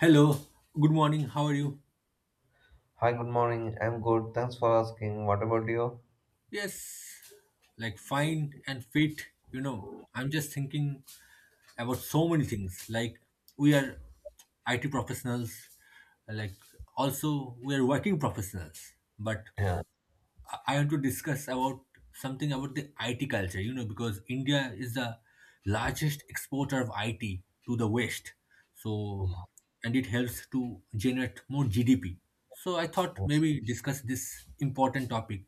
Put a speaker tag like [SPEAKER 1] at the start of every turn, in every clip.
[SPEAKER 1] Hello, good morning, how are you?
[SPEAKER 2] Hi, good morning. I'm good. Thanks for asking. What about you?
[SPEAKER 1] Yes, like fine and fit. I'm just thinking about so many things. Like, we are IT professionals, like, also, we are working professionals, but
[SPEAKER 2] Yeah.
[SPEAKER 1] I want to discuss about something about the IT culture, because India is the largest exporter of IT to the West. So, and it helps to generate more GDP. So, I thought
[SPEAKER 2] Yes,
[SPEAKER 1] maybe discuss this important topic.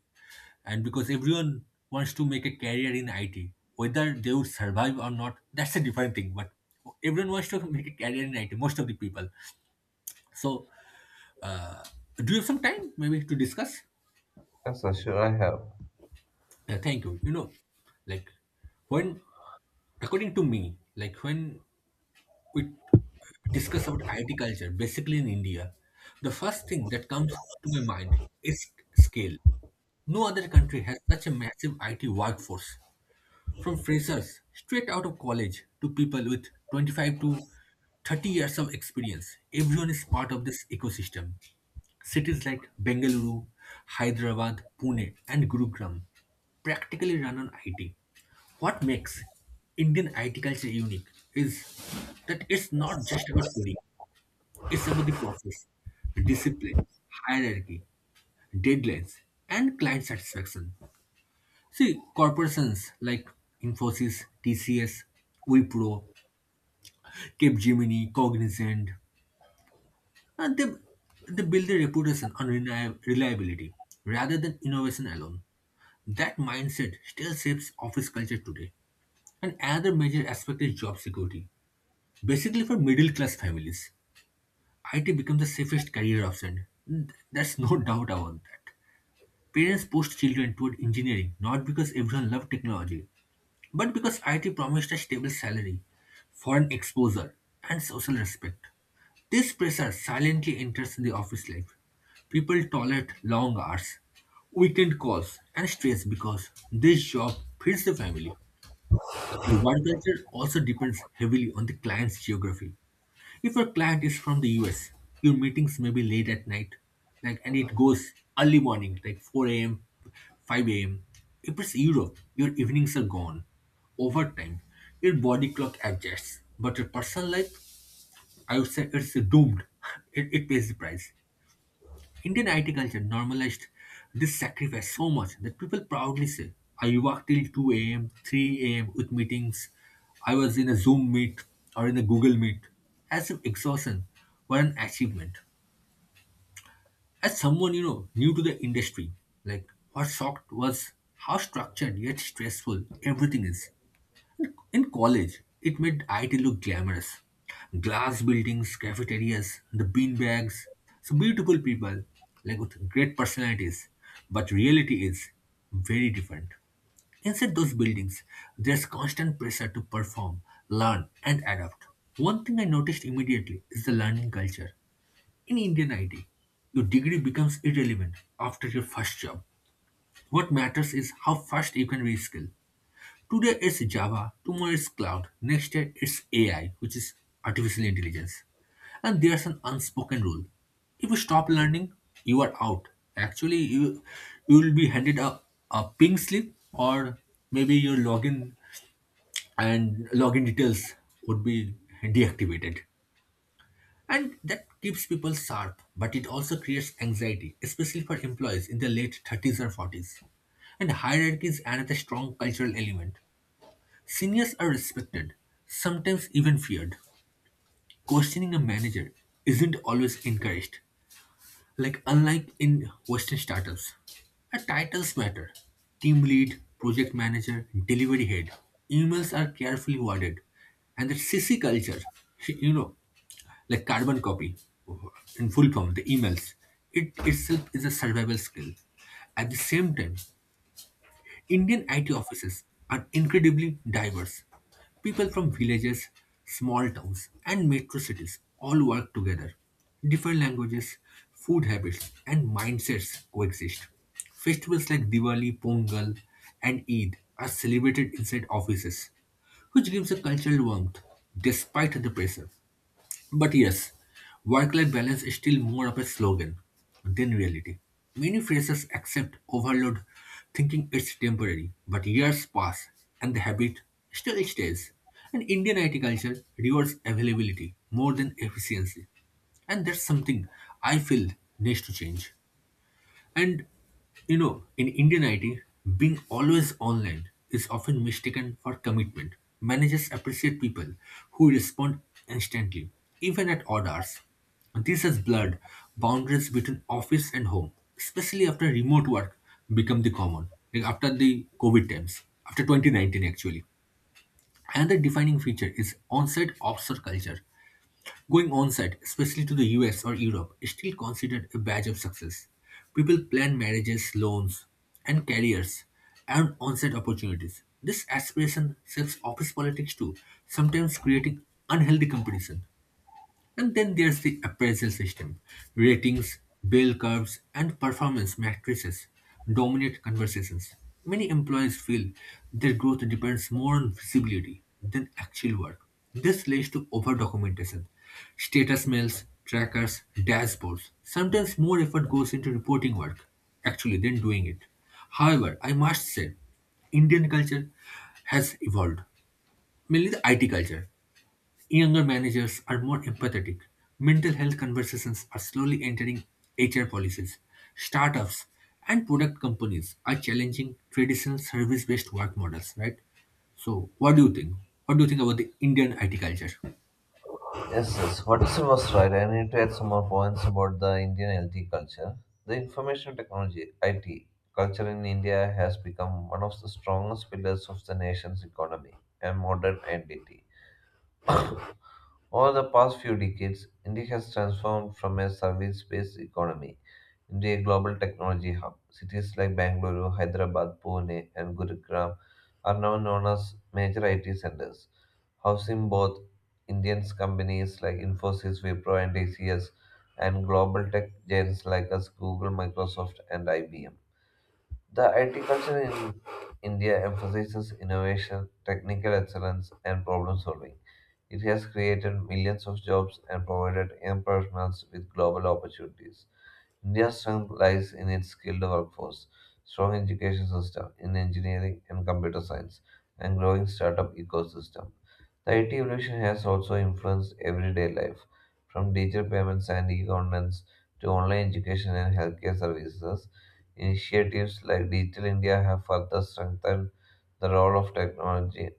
[SPEAKER 1] And because everyone wants to make a career in IT, whether they would survive or not, that's a different thing. But everyone wants to make a career in IT, most of the people. So, uh, do you have some time maybe to discuss?
[SPEAKER 2] yes sir, sure, I have.
[SPEAKER 1] Thank you. Like when, according to me, like when we discuss about IT culture, basically in India, the first thing that comes to my mind is scale. No other country has such a massive IT workforce, from freshers straight out of college to people with 25 to 30 years of experience. Everyone is part of this ecosystem. Cities like Bengaluru, Hyderabad, Pune, and Gurugram practically run on IT. What makes Indian IT culture unique is that it's not just about coding, it's about the process, discipline, hierarchy, deadlines, and client satisfaction. See, corporations like Infosys, TCS, Wipro, Capgemini, Cognizant, and they build their reputation on reliability rather than innovation alone. That mindset still shapes office culture today. And another major aspect is job security. Basically, for middle class families, IT becomes the safest career option. There's no doubt about that. Parents pushed children toward engineering not because everyone loved technology, but because IT promised a stable salary, foreign exposure, and social respect. This pressure silently enters the office life. People tolerate long hours, weekend calls, and stress because this job feeds the family. The work culture also depends heavily on the client's geography. If your client is from the US, your meetings may be late at night, like and it goes early morning, like 4 a.m., 5 a.m. If it's Europe, your evenings are gone. Over time, your body clock adjusts, but your personal life, I would say, it's doomed. It pays the price. Indian IT culture normalized this sacrifice so much that people proudly say, I worked till 2 a.m., 3 a.m. with meetings. I was in a Zoom meet or in a Google meet. As if exhaustion were an achievement. As someone, new to the industry, like what shocked was how structured yet stressful everything is. In college, it made IT look glamorous. Glass buildings, cafeterias, the bean bags, so beautiful people, like with great personalities. But reality is very different. Inside those buildings, there's constant pressure to perform, learn, and adapt. One thing I noticed immediately is the learning culture. In Indian IT, your degree becomes irrelevant after your first job. What matters is how fast you can reskill. Today it's Java, tomorrow it's cloud, next year it's AI, which is artificial intelligence. And there's an unspoken rule. If you stop learning, you are out. Actually, you will be handed a pink slip or maybe your login and login details would be deactivated. And that keeps people sharp, but it also creates anxiety, especially for employees in their late 30s or 40s. And hierarchy is another strong cultural element. Seniors are respected, sometimes even feared. Questioning a manager isn't always encouraged, like unlike in Western startups. Our titles matter: team lead, project manager, delivery head. Emails are carefully worded, and the CC culture, you know, like carbon copy in full form, the emails, it itself is a survival skill. At the same time, Indian IT offices are incredibly diverse. People from villages, small towns, and metro cities all work together. Different languages, food habits, and mindsets coexist. Festivals like Diwali, Pongal, and Eid are celebrated inside offices, which gives a cultural warmth despite the pressure. But yes, work life balance is still more of a slogan than reality. Many phrases accept overload, thinking it's temporary, but years pass and the habit still stays. And Indian IT culture rewards availability more than efficiency. And that's something I feel needs to change. And in Indian IT, being always online is often mistaken for commitment. Managers appreciate people who respond instantly, even at odd hours. This has blurred boundaries between office and home, especially after remote work become the common, like after the COVID times, after 2019 actually. Another defining feature is on-site offshore culture. Going on-site, especially to the US or Europe, is still considered a badge of success. People plan marriages, loans, and careers around on-site opportunities. This aspiration shapes office politics too, sometimes creating unhealthy competition. And then there's the appraisal system. Ratings, bell curves, and performance matrices dominate conversations. Many employees feel their growth depends more on visibility than actual work. This leads to over documentation, status mails, trackers, dashboards. Sometimes more effort goes into reporting work actually than doing it. However, I must say, Indian culture has evolved, mainly the IT culture. Younger managers are more empathetic. Mental health conversations are slowly entering HR policies. Startups and product companies are challenging traditional service-based work models, right? So, what do you think? What do you think about the Indian IT culture?
[SPEAKER 2] Yes, yes. What is you was right. I need to add some more points about the Indian LT culture. The information technology (IT) culture in India has become one of the strongest pillars of the nation's economy and modern identity. Over the past few decades, India has transformed from a service based economy into a global technology hub. Cities like Bangalore, Hyderabad, Pune, and Gurugram are now known as major IT centers, housing both Indian companies like Infosys, Wipro, and TCS, and global tech giants like us, Google, Microsoft, and IBM. The IT culture in India emphasizes innovation, technical excellence, and problem solving. It has created millions of jobs and provided young professionals with global opportunities. India's strength lies in its skilled workforce, strong education system in engineering and computer science, and growing startup ecosystem. The IT evolution has also influenced everyday life, from digital payments and e-governance to online education and healthcare services. Initiatives like Digital India have further strengthened the role of technology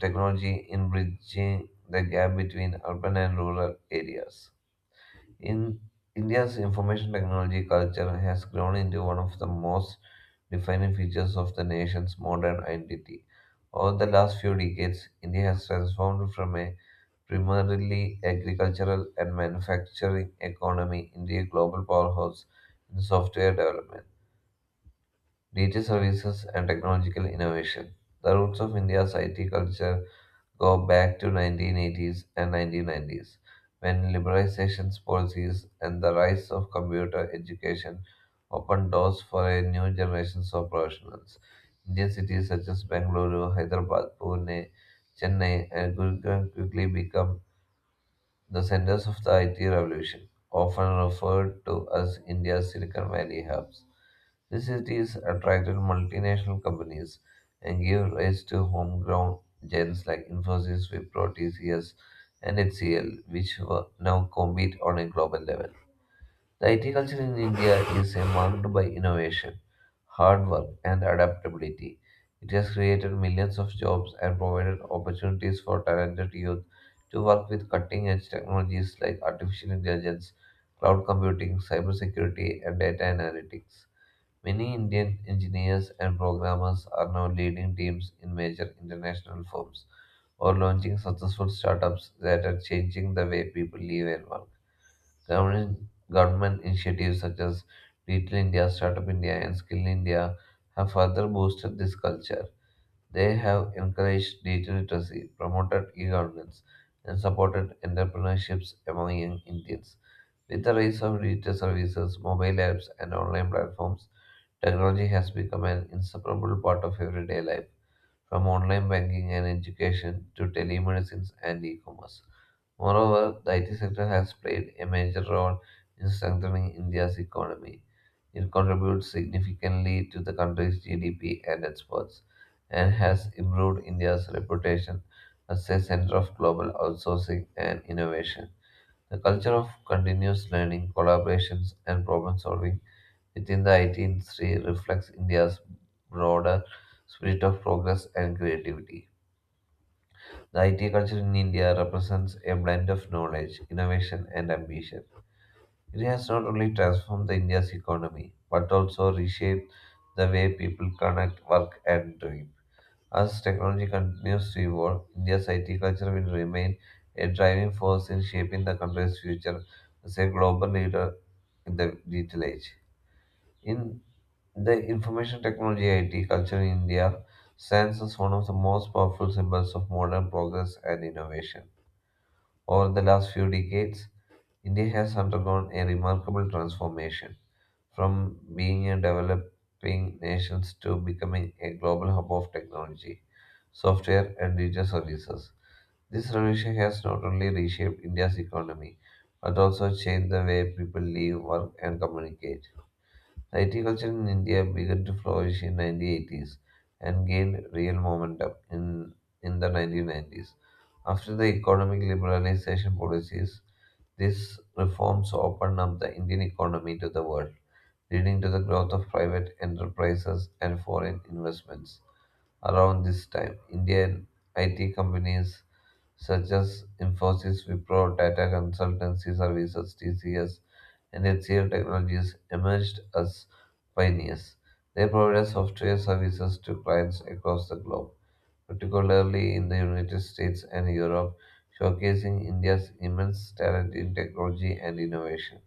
[SPEAKER 2] technology in bridging the gap between urban and rural areas. In India's information technology culture has grown into one of the most defining features of the nation's modern identity. Over the last few decades, India has transformed from a primarily agricultural and manufacturing economy into a global powerhouse in software development, digital services, and technological innovation. The roots of India's IT culture go back to 1980s and 1990s when liberalization policies and the rise of computer education opened doors for a new generation of professionals. Indian cities such as Bangalore, Hyderabad, Pune, Chennai, and Gurgaon quickly became the centers of the IT revolution, often referred to as India's Silicon Valley hubs. These cities attracted multinational companies and gave rise to homegrown giants like Infosys, Wipro, TCS, and HCL, which were now compete on a global level. The IT culture in India is a marked by innovation, hard work, and adaptability. It has created millions of jobs and provided opportunities for talented youth to work with cutting edge technologies like artificial intelligence, cloud computing, cybersecurity, and data analytics. Many Indian engineers and programmers are now leading teams in major international firms or launching successful startups that are changing the way people live and work. Government, government initiatives such as Digital India, Startup India, and Skill India have further boosted this culture. They have encouraged digital literacy, promoted e governance, and supported entrepreneurships among young Indians. With the rise of digital services, mobile apps, and online platforms, technology has become an inseparable part of everyday life, from online banking and education to telemedicine and e commerce. Moreover, the IT sector has played a major role in strengthening India's economy. It contributes significantly to the country's GDP and exports, and has improved India's reputation as a center of global outsourcing and innovation. The culture of continuous learning, collaborations, and problem solving within the 18th century reflects India's broader spirit of progress and creativity. The IT culture in India represents a blend of knowledge, innovation, and ambition. It has not only transformed the India's economy, but also reshaped the way people connect, work, and dream. As technology continues to evolve, India's IT culture will remain a driving force in shaping the country's future as a global leader in the digital age. In The information technology IT culture in India stands as one of the most powerful symbols of modern progress and innovation. Over the last few decades, India has undergone a remarkable transformation from being a developing nation to becoming a global hub of technology, software, and digital services. This revolution has not only reshaped India's economy but also changed the way people live, work, and communicate. IT culture in India began to flourish in 1980s and gained real momentum in the 1990s. After the economic liberalization policies, these reforms opened up the Indian economy to the world leading to the growth of private enterprises and foreign investments. Around this time, Indian IT companies such as Infosys, Wipro, Tata Consultancy Services, TCS, and HCL Technologies emerged as pioneers. They provided software services to clients across the globe, particularly in the United States and Europe, showcasing India's immense talent in technology and innovation.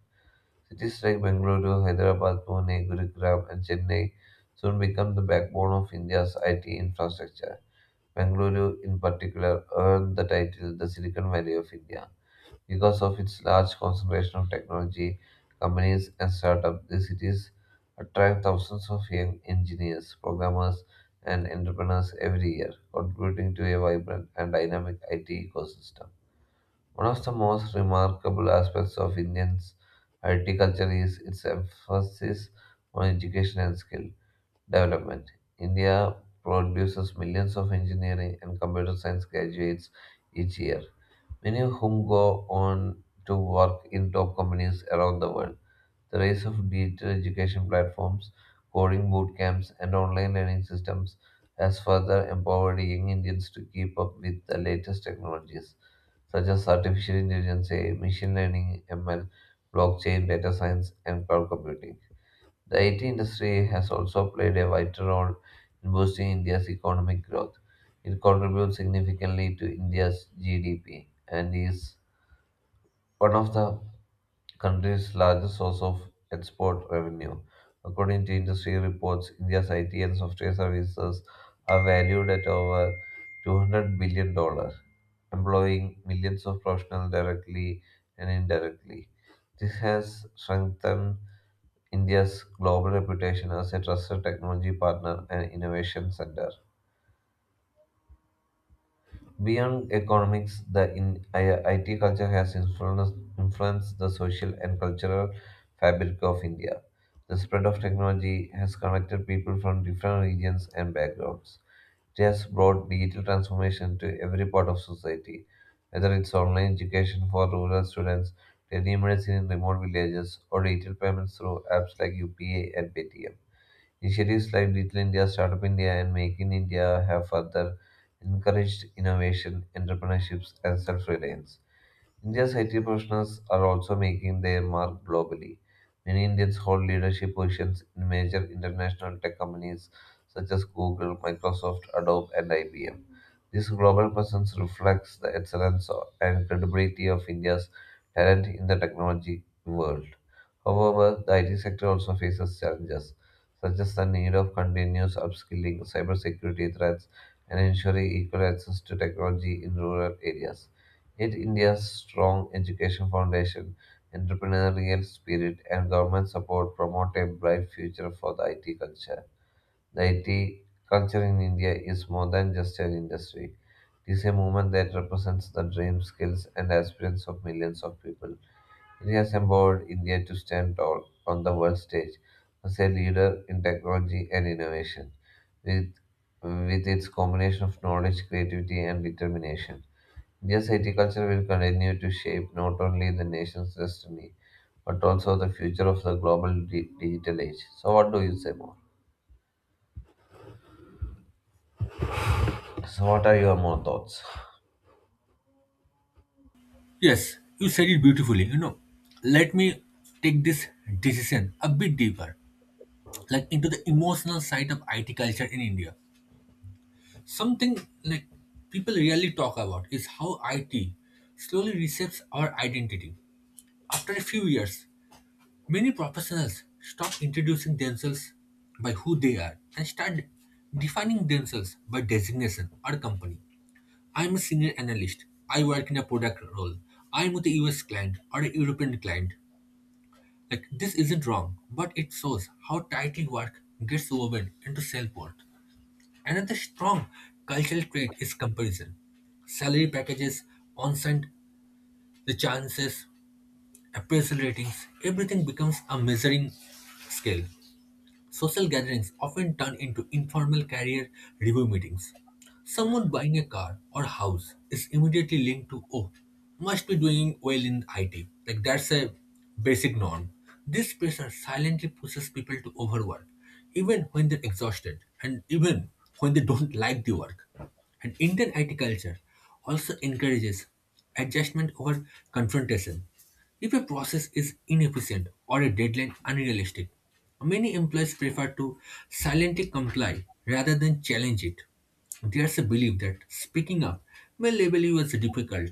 [SPEAKER 2] Cities like Bengaluru, Hyderabad, Pune, Gurugram, and Chennai soon became the backbone of India's IT infrastructure. Bengaluru, in particular, earned the title the Silicon Valley of India. Because of its large concentration of technology, companies, and startups, the cities attract thousands of young engineers, programmers, and entrepreneurs every year, contributing to a vibrant and dynamic IT ecosystem. One of the most remarkable aspects of Indian's I T culture is its emphasis on education and skill development. India produces millions of engineering and computer science graduates each year, many of whom go on to work in top companies around the world. The rise of digital education platforms, coding boot camps, and online learning systems has further empowered young Indians to keep up with the latest technologies such as artificial intelligence, AI, machine learning, ML, blockchain, data science, and cloud computing. The IT industry has also played a vital role in boosting India's economic growth. It contributes significantly to India's GDP and is one of the country's largest source of export revenue. According to industry reports, India's IT and software services are valued at over $200 billion, dollars, employing millions of professionals directly and indirectly. This has strengthened India's global reputation as a trusted technology partner and innovation center. Beyond economics, the IT culture has influenced the social and cultural fabric of India. The spread of technology has connected people from different regions and backgrounds. It has brought digital transformation to every part of society, whether it's online education for rural students, telemedicine in remote villages, or digital payments through apps like UPA and Paytm. Initiatives like Little India, Startup India, and Make in India have further encouraged innovation, entrepreneurship, and self reliance. India's IT professionals are also making their mark globally. Many Indians hold leadership positions in major international tech companies such as Google, Microsoft, Adobe, and IBM. This global presence reflects the excellence and credibility of India's talent in the technology world. However, the IT sector also faces challenges, such as the need of continuous upskilling, cybersecurity threats, and ensuring equal access to technology in rural areas. Yet, India's strong education foundation, entrepreneurial spirit, and government support promote a bright future for the IT culture. The IT culture in India is more than just an industry. It is a movement that represents the dreams, skills, and aspirations of millions of people. It has empowered India to stand tall on the world stage as a leader in technology and innovation. With, with its combination of knowledge, creativity, and determination, India's IT culture will continue to shape not only the nation's destiny but also the future of the global digital age. So, what do you say more? So, what are your more thoughts?
[SPEAKER 1] Yes, you said it beautifully. Let me take this decision a bit deeper, like into the emotional side of IT culture in India. Something like people rarely talk about is how IT slowly reshapes our identity. After a few years, many professionals stop introducing themselves by who they are and start defining themselves by designation or company. I'm a senior analyst. I work in a product role. I'm with a US client or a European client. Like this isn't wrong, but it shows how tightly work gets woven into self-worth. Another strong cultural trait is comparison salary packages, on-site, the chances appraisal ratings, everything becomes a measuring scale. Social gatherings often turn into informal career review meetings. Someone buying a car or house is immediately linked to, oh, must be doing well in IT. Like that's a basic norm. This pressure silently pushes people to overwork, even when they're exhausted and even when they don't like the work. And Indian IT culture also encourages adjustment over confrontation. If a process is inefficient or a deadline unrealistic, many employees prefer to silently comply rather than challenge it. There's a belief that speaking up may label you as difficult.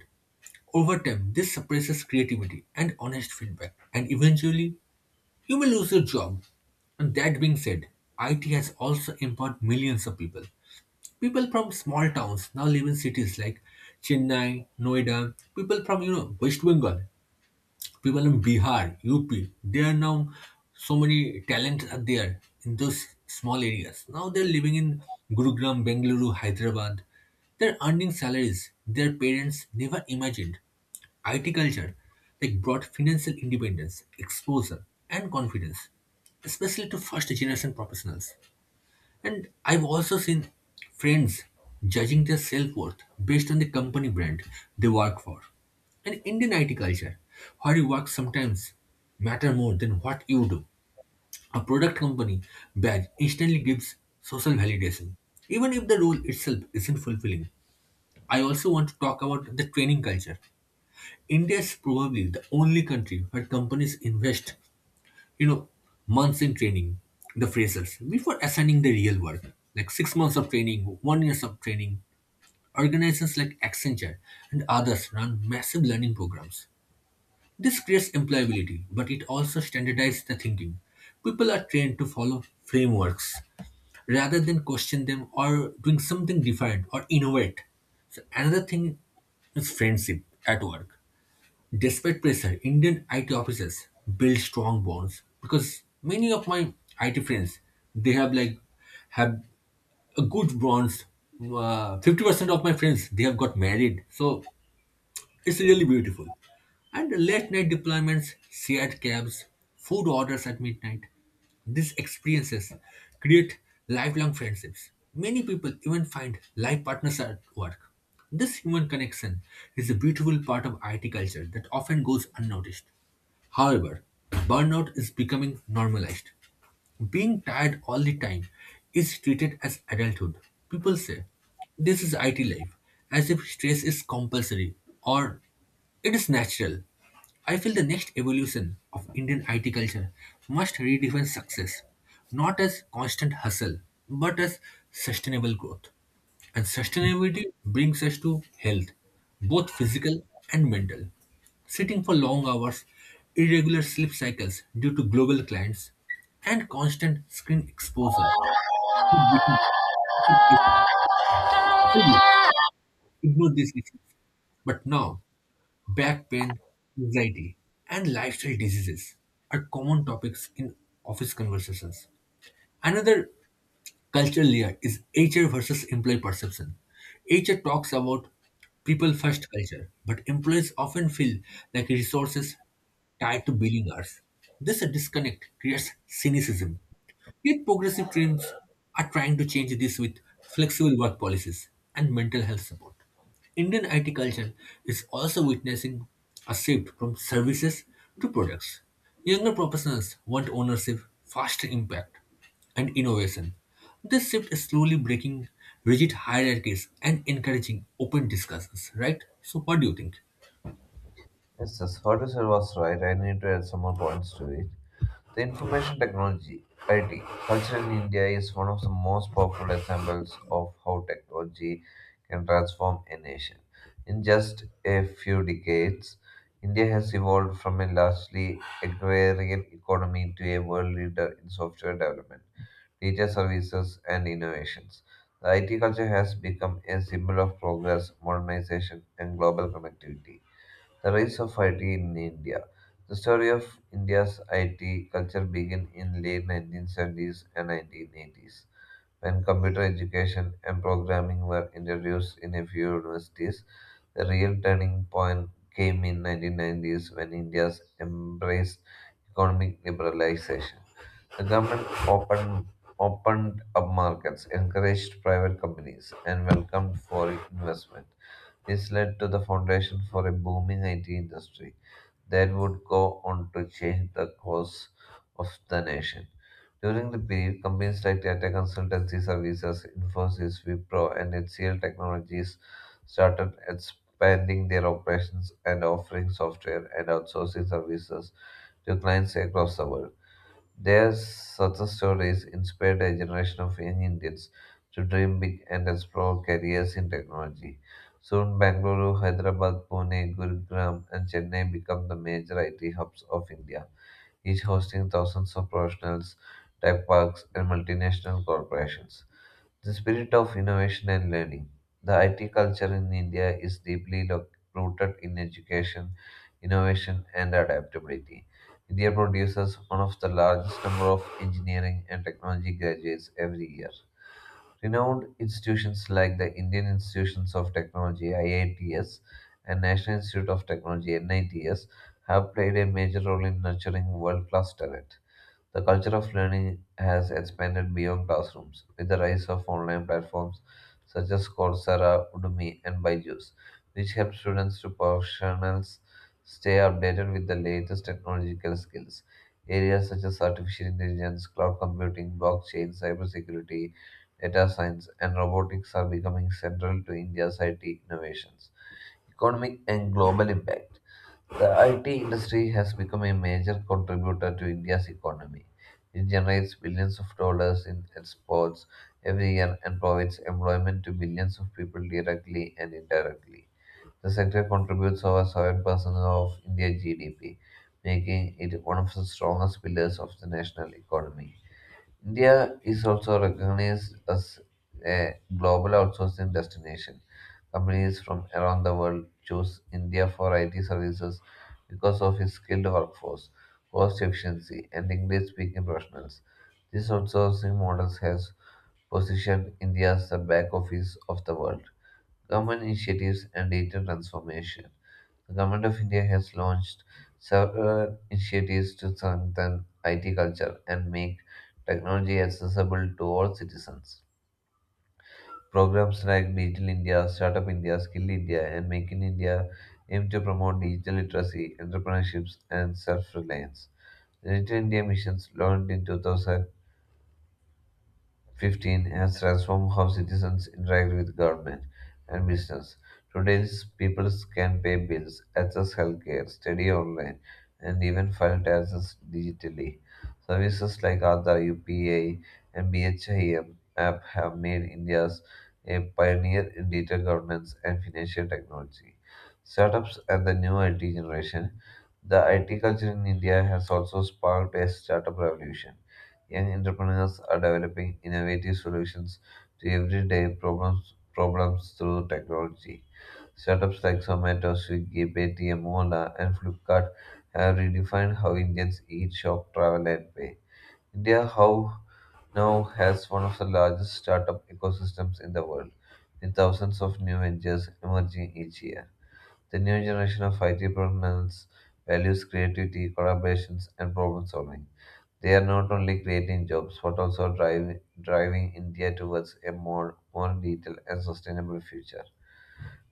[SPEAKER 1] Over time, this suppresses creativity and honest feedback, and eventually, you may lose your job. And that being said, IT has also empowered millions of people. People from small towns now live in cities like Chennai, Noida. People from West Bengal, people in Bihar, UP. There are now so many talents are there in those small areas. Now they're living in Gurugram, Bengaluru, Hyderabad. They're earning salaries their parents never imagined. IT culture like brought financial independence, exposure, and confidence, especially to first generation professionals. And I've also seen friends judging their self worth based on the company brand they work for. And Indian IT culture, where you work sometimes matter more than what you do. A product company badge instantly gives social validation, even if the role itself isn't fulfilling. I also want to talk about the training culture. India is probably the only country where companies invest you know, months in training, the freshers, before assigning the real work, like 6 months of training, 1 years of training, organizations like Accenture and others run massive learning programs. This creates employability, but it also standardizes the thinking. People are trained to follow frameworks rather than question them or doing something different or innovate. So another thing is friendship at work. Despite pressure, Indian IT officers build strong bonds because many of my IT friends they have a good bonds. 50% of my friends they have got married, so it's really beautiful. And late night deployments, shared cabs, food orders at midnight. These experiences create lifelong friendships. Many people even find life partners at work. This human connection is a beautiful part of IT culture that often goes unnoticed. However, burnout is becoming normalized. Being tired all the time is treated as adulthood. People say this is IT life, as if stress is compulsory or it is natural. I feel the next evolution of Indian IT culture must redefine success, not as constant hustle, but as sustainable growth. And sustainability brings us to health, both physical and mental. Sitting for long hours, irregular sleep cycles due to global clients, and constant screen exposure. It became difficult to ignore these issues. But now, back pain, anxiety, and lifestyle diseases are common topics in office conversations. Another cultural layer is HR versus employee perception. HR talks about people first culture, but employees often feel like resources tied to billing hours. This disconnect creates cynicism. Yet progressive teams are trying to change this with flexible work policies and mental health support. Indian IT culture is also witnessing a shift from services to products. Younger professionals want ownership, faster impact, and innovation. This shift is slowly breaking rigid hierarchies and encouraging open discussions, right? So, what do you think?
[SPEAKER 2] Yes, yes, what you said was right. I need to add some more points to it. The information technology IT culture in India is one of the most powerful examples of how technology can transform a nation. In just a few decades, India has evolved from a largely agrarian economy to a world leader in software development, data services, and innovations. The IT culture has become a symbol of progress, modernization, and global connectivity. The rise of IT in India. The story of India's IT culture began in late 1970s and 1980s when computer education and programming were introduced in a few universities. The real turning point came in 1990s when India embraced economic liberalization. The government opened up markets, encouraged private companies, and welcomed foreign investment. This led to the foundation for a booming IT industry that would go on to change the course of the nation. During the period, companies like Tata Consultancy Services, Infosys, Wipro, and HCL Technologies started expanding their operations and offering software and outsourcing services to clients across the world. Their success stories inspired a generation of young Indians to dream big and explore careers in technology. Soon, Bangalore, Hyderabad, Pune, Gurugram, and Chennai become the major IT hubs of India each hosting thousands of professionals, tech parks, and multinational corporations. The spirit of innovation and learning. The IT culture in India is deeply rooted in education, innovation, and adaptability. India produces one of the largest number of engineering and technology graduates every year. Renowned institutions like the Indian Institutions of Technology (IITs) and National Institute of Technology (NITs) have played a major role in nurturing world-class talent. The culture of learning has expanded beyond classrooms with the rise of online platforms such as Coursera, Udemy, and Byju's, which help students to professionals stay updated with the latest technological skills. Areas such as artificial intelligence, cloud computing, blockchain, cybersecurity, data science, and robotics are becoming central to India's IT innovations. Economic and global impact. The IT industry has become a major contributor to India's economy. It generates billions of dollars in exports every year and provides employment to millions of people directly and indirectly. The sector contributes over 7% of India's GDP, making it one of the strongest pillars of the national economy. India is also recognized as a global outsourcing destination. Companies from around the world choose India for IT services because of its skilled workforce, cost efficiency, and English speaking professionals. This outsourcing model has positioned India as the back office of the world. Government initiatives and data transformation. The Government of India has launched several initiatives to strengthen IT culture and make technology accessible to all citizens. Programs like Digital India, Startup India, Skill India, and Make in India aim to promote digital literacy, entrepreneurships, and self reliance. The Digital India missions launched in 2000 15 has transformed how citizens interact with government and business. Today's people can pay bills, access healthcare, study online, and even file taxes digitally. Services like Aadhaar, UPA, and BHIM app have made India a pioneer in data governance and financial technology. Startups and the new IT generation. The IT culture in India has also sparked a startup revolution. Young entrepreneurs are developing innovative solutions to everyday problems through technology. Startups like Zomato, Swiggy, Paytm, Ola, and Flipkart have redefined how Indians eat, shop, travel, and pay. India how now has one of the largest startup ecosystems in the world, with thousands of new ventures emerging each year. The new generation of IT professionals values creativity, collaborations, and problem solving. They are not only creating jobs but also driving India towards a more detailed and sustainable future.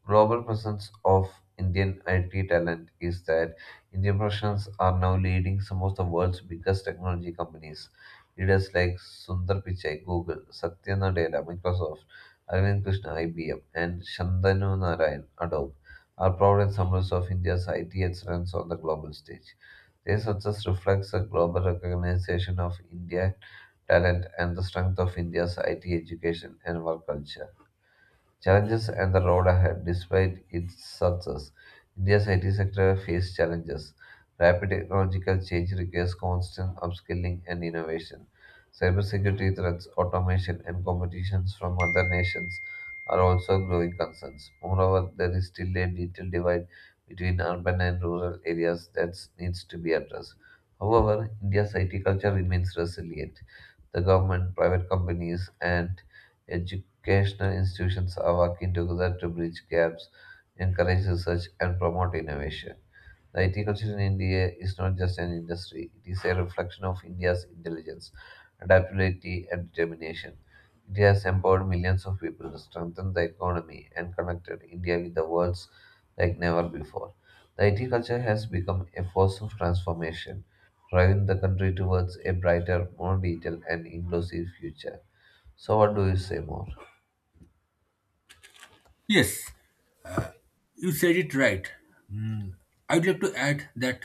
[SPEAKER 2] Global presence of Indian IT talent is that Indian professionals are now leading some of the world's biggest technology companies. Leaders like Sundar Pichai, Google, Satya Nadella, Microsoft, Arvind Krishna, IBM, and Shantanu Narayan, Adobe, are proud examples of India's IT excellence on the global stage. Their success reflects a global recognition of India talent and the strength of India's IT education and work culture. Challenges and the road ahead. Despite its success, India's IT sector faces challenges. Rapid technological change requires constant upskilling and innovation. Cybersecurity threats, automation, and competitions from other nations are also growing concerns. Moreover, there is still a digital divide between urban and rural areas that needs to be addressed. However, India's IT culture remains resilient. The government, private companies, and education educational institutions are working together to bridge gaps, encourage research, and promote innovation. The IT culture in India is not just an industry, it is a reflection of India's intelligence, adaptability, and determination. It has empowered millions of people, strengthened the economy, and connected India with the world like never before. The IT culture has become a force of transformation, driving the country towards a brighter, more detailed, and inclusive future. So, what do you say more?
[SPEAKER 1] Yes, you said it right. I'd like to add that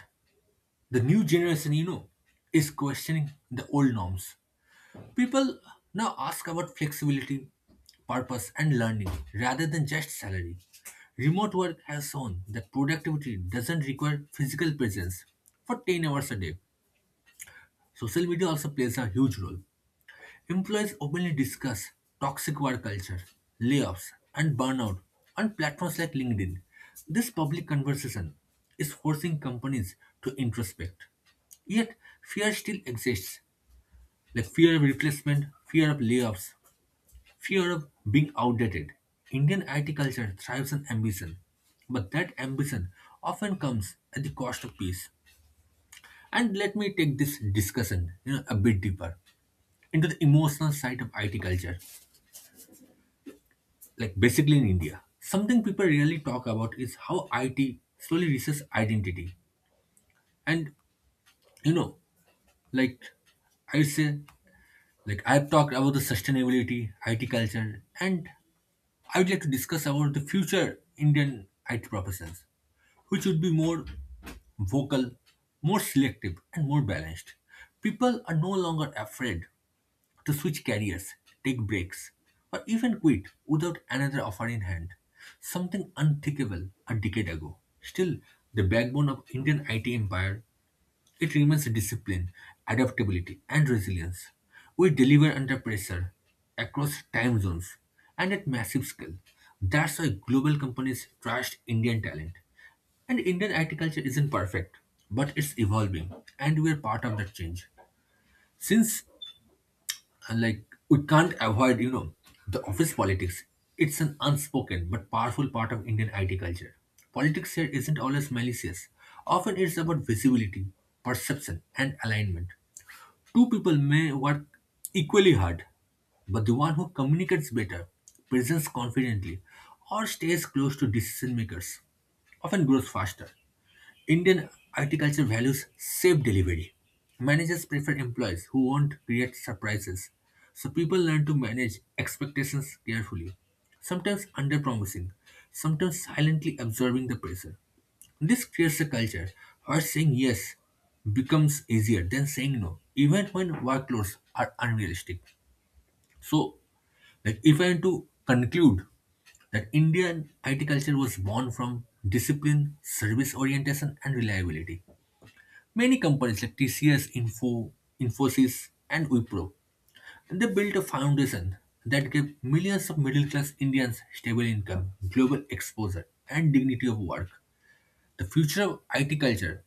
[SPEAKER 1] the new generation, is questioning the old norms. People now ask about flexibility, purpose, and learning rather than just salary. Remote work has shown that productivity doesn't require physical presence for 10 hours a day. Social media also plays a huge role. Employees openly discuss toxic work culture, layoffs, and burnout on platforms like LinkedIn. This public conversation is forcing companies to introspect. Yet, fear still exists, like fear of replacement, fear of layoffs, fear of being outdated. Indian IT culture thrives on ambition, but that ambition often comes at the cost of peace. And let me take this discussion, a bit deeper into the emotional side of IT culture. Like basically in India, something people really talk about is how IT slowly reaches identity. And you know, like I say, like I've talked about the sustainability, IT culture, and I would like to discuss about the future Indian IT professions, which would be more vocal, more selective, and more balanced. People are no longer afraid to switch careers, take breaks, or even quit without another offer in hand. Something unthinkable a decade ago. Still, the backbone of Indian IT empire, it remains discipline, adaptability, and resilience. We deliver under pressure, across time zones, and at massive scale. That's why global companies trust Indian talent. And Indian IT culture isn't perfect, but it's evolving, and we're part of that change. Since and like we can't avoid, the office politics. It's an unspoken but powerful part of Indian IT culture. Politics here isn't always malicious. Often it's about visibility, perception, and alignment. Two people may work equally hard, but the one who communicates better, presents confidently, or stays close to decision makers often grows faster. Indian agriculture values safe delivery. Managers prefer employees who won't create surprises. So people learn to manage expectations carefully, sometimes under-promising, sometimes silently absorbing the pressure. This creates a culture where saying yes becomes easier than saying no, even when workloads are unrealistic. So, like if I am to conclude that Indian IT culture was born from discipline, service orientation, and reliability. Many companies like TCS, Info, Infosys, and Wipro, they built a foundation that gave millions of middle-class Indians stable income, global exposure, and dignity of work. The future of IT culture,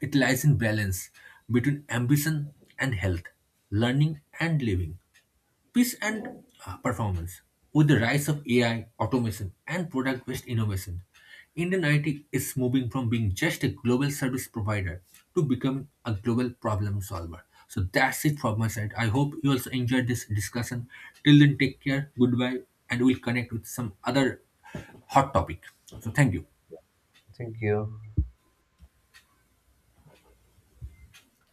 [SPEAKER 1] it lies in balance between ambition and health, learning and living. Peace and performance. With the rise of AI, automation, and product based innovation, Indian IT is moving from being just a global service provider to becoming a global problem solver. So that's it from my side. I hope you also enjoyed this discussion. Till then, take care, goodbye, and we'll connect with some other hot topic. So, thank you.
[SPEAKER 2] Thank you.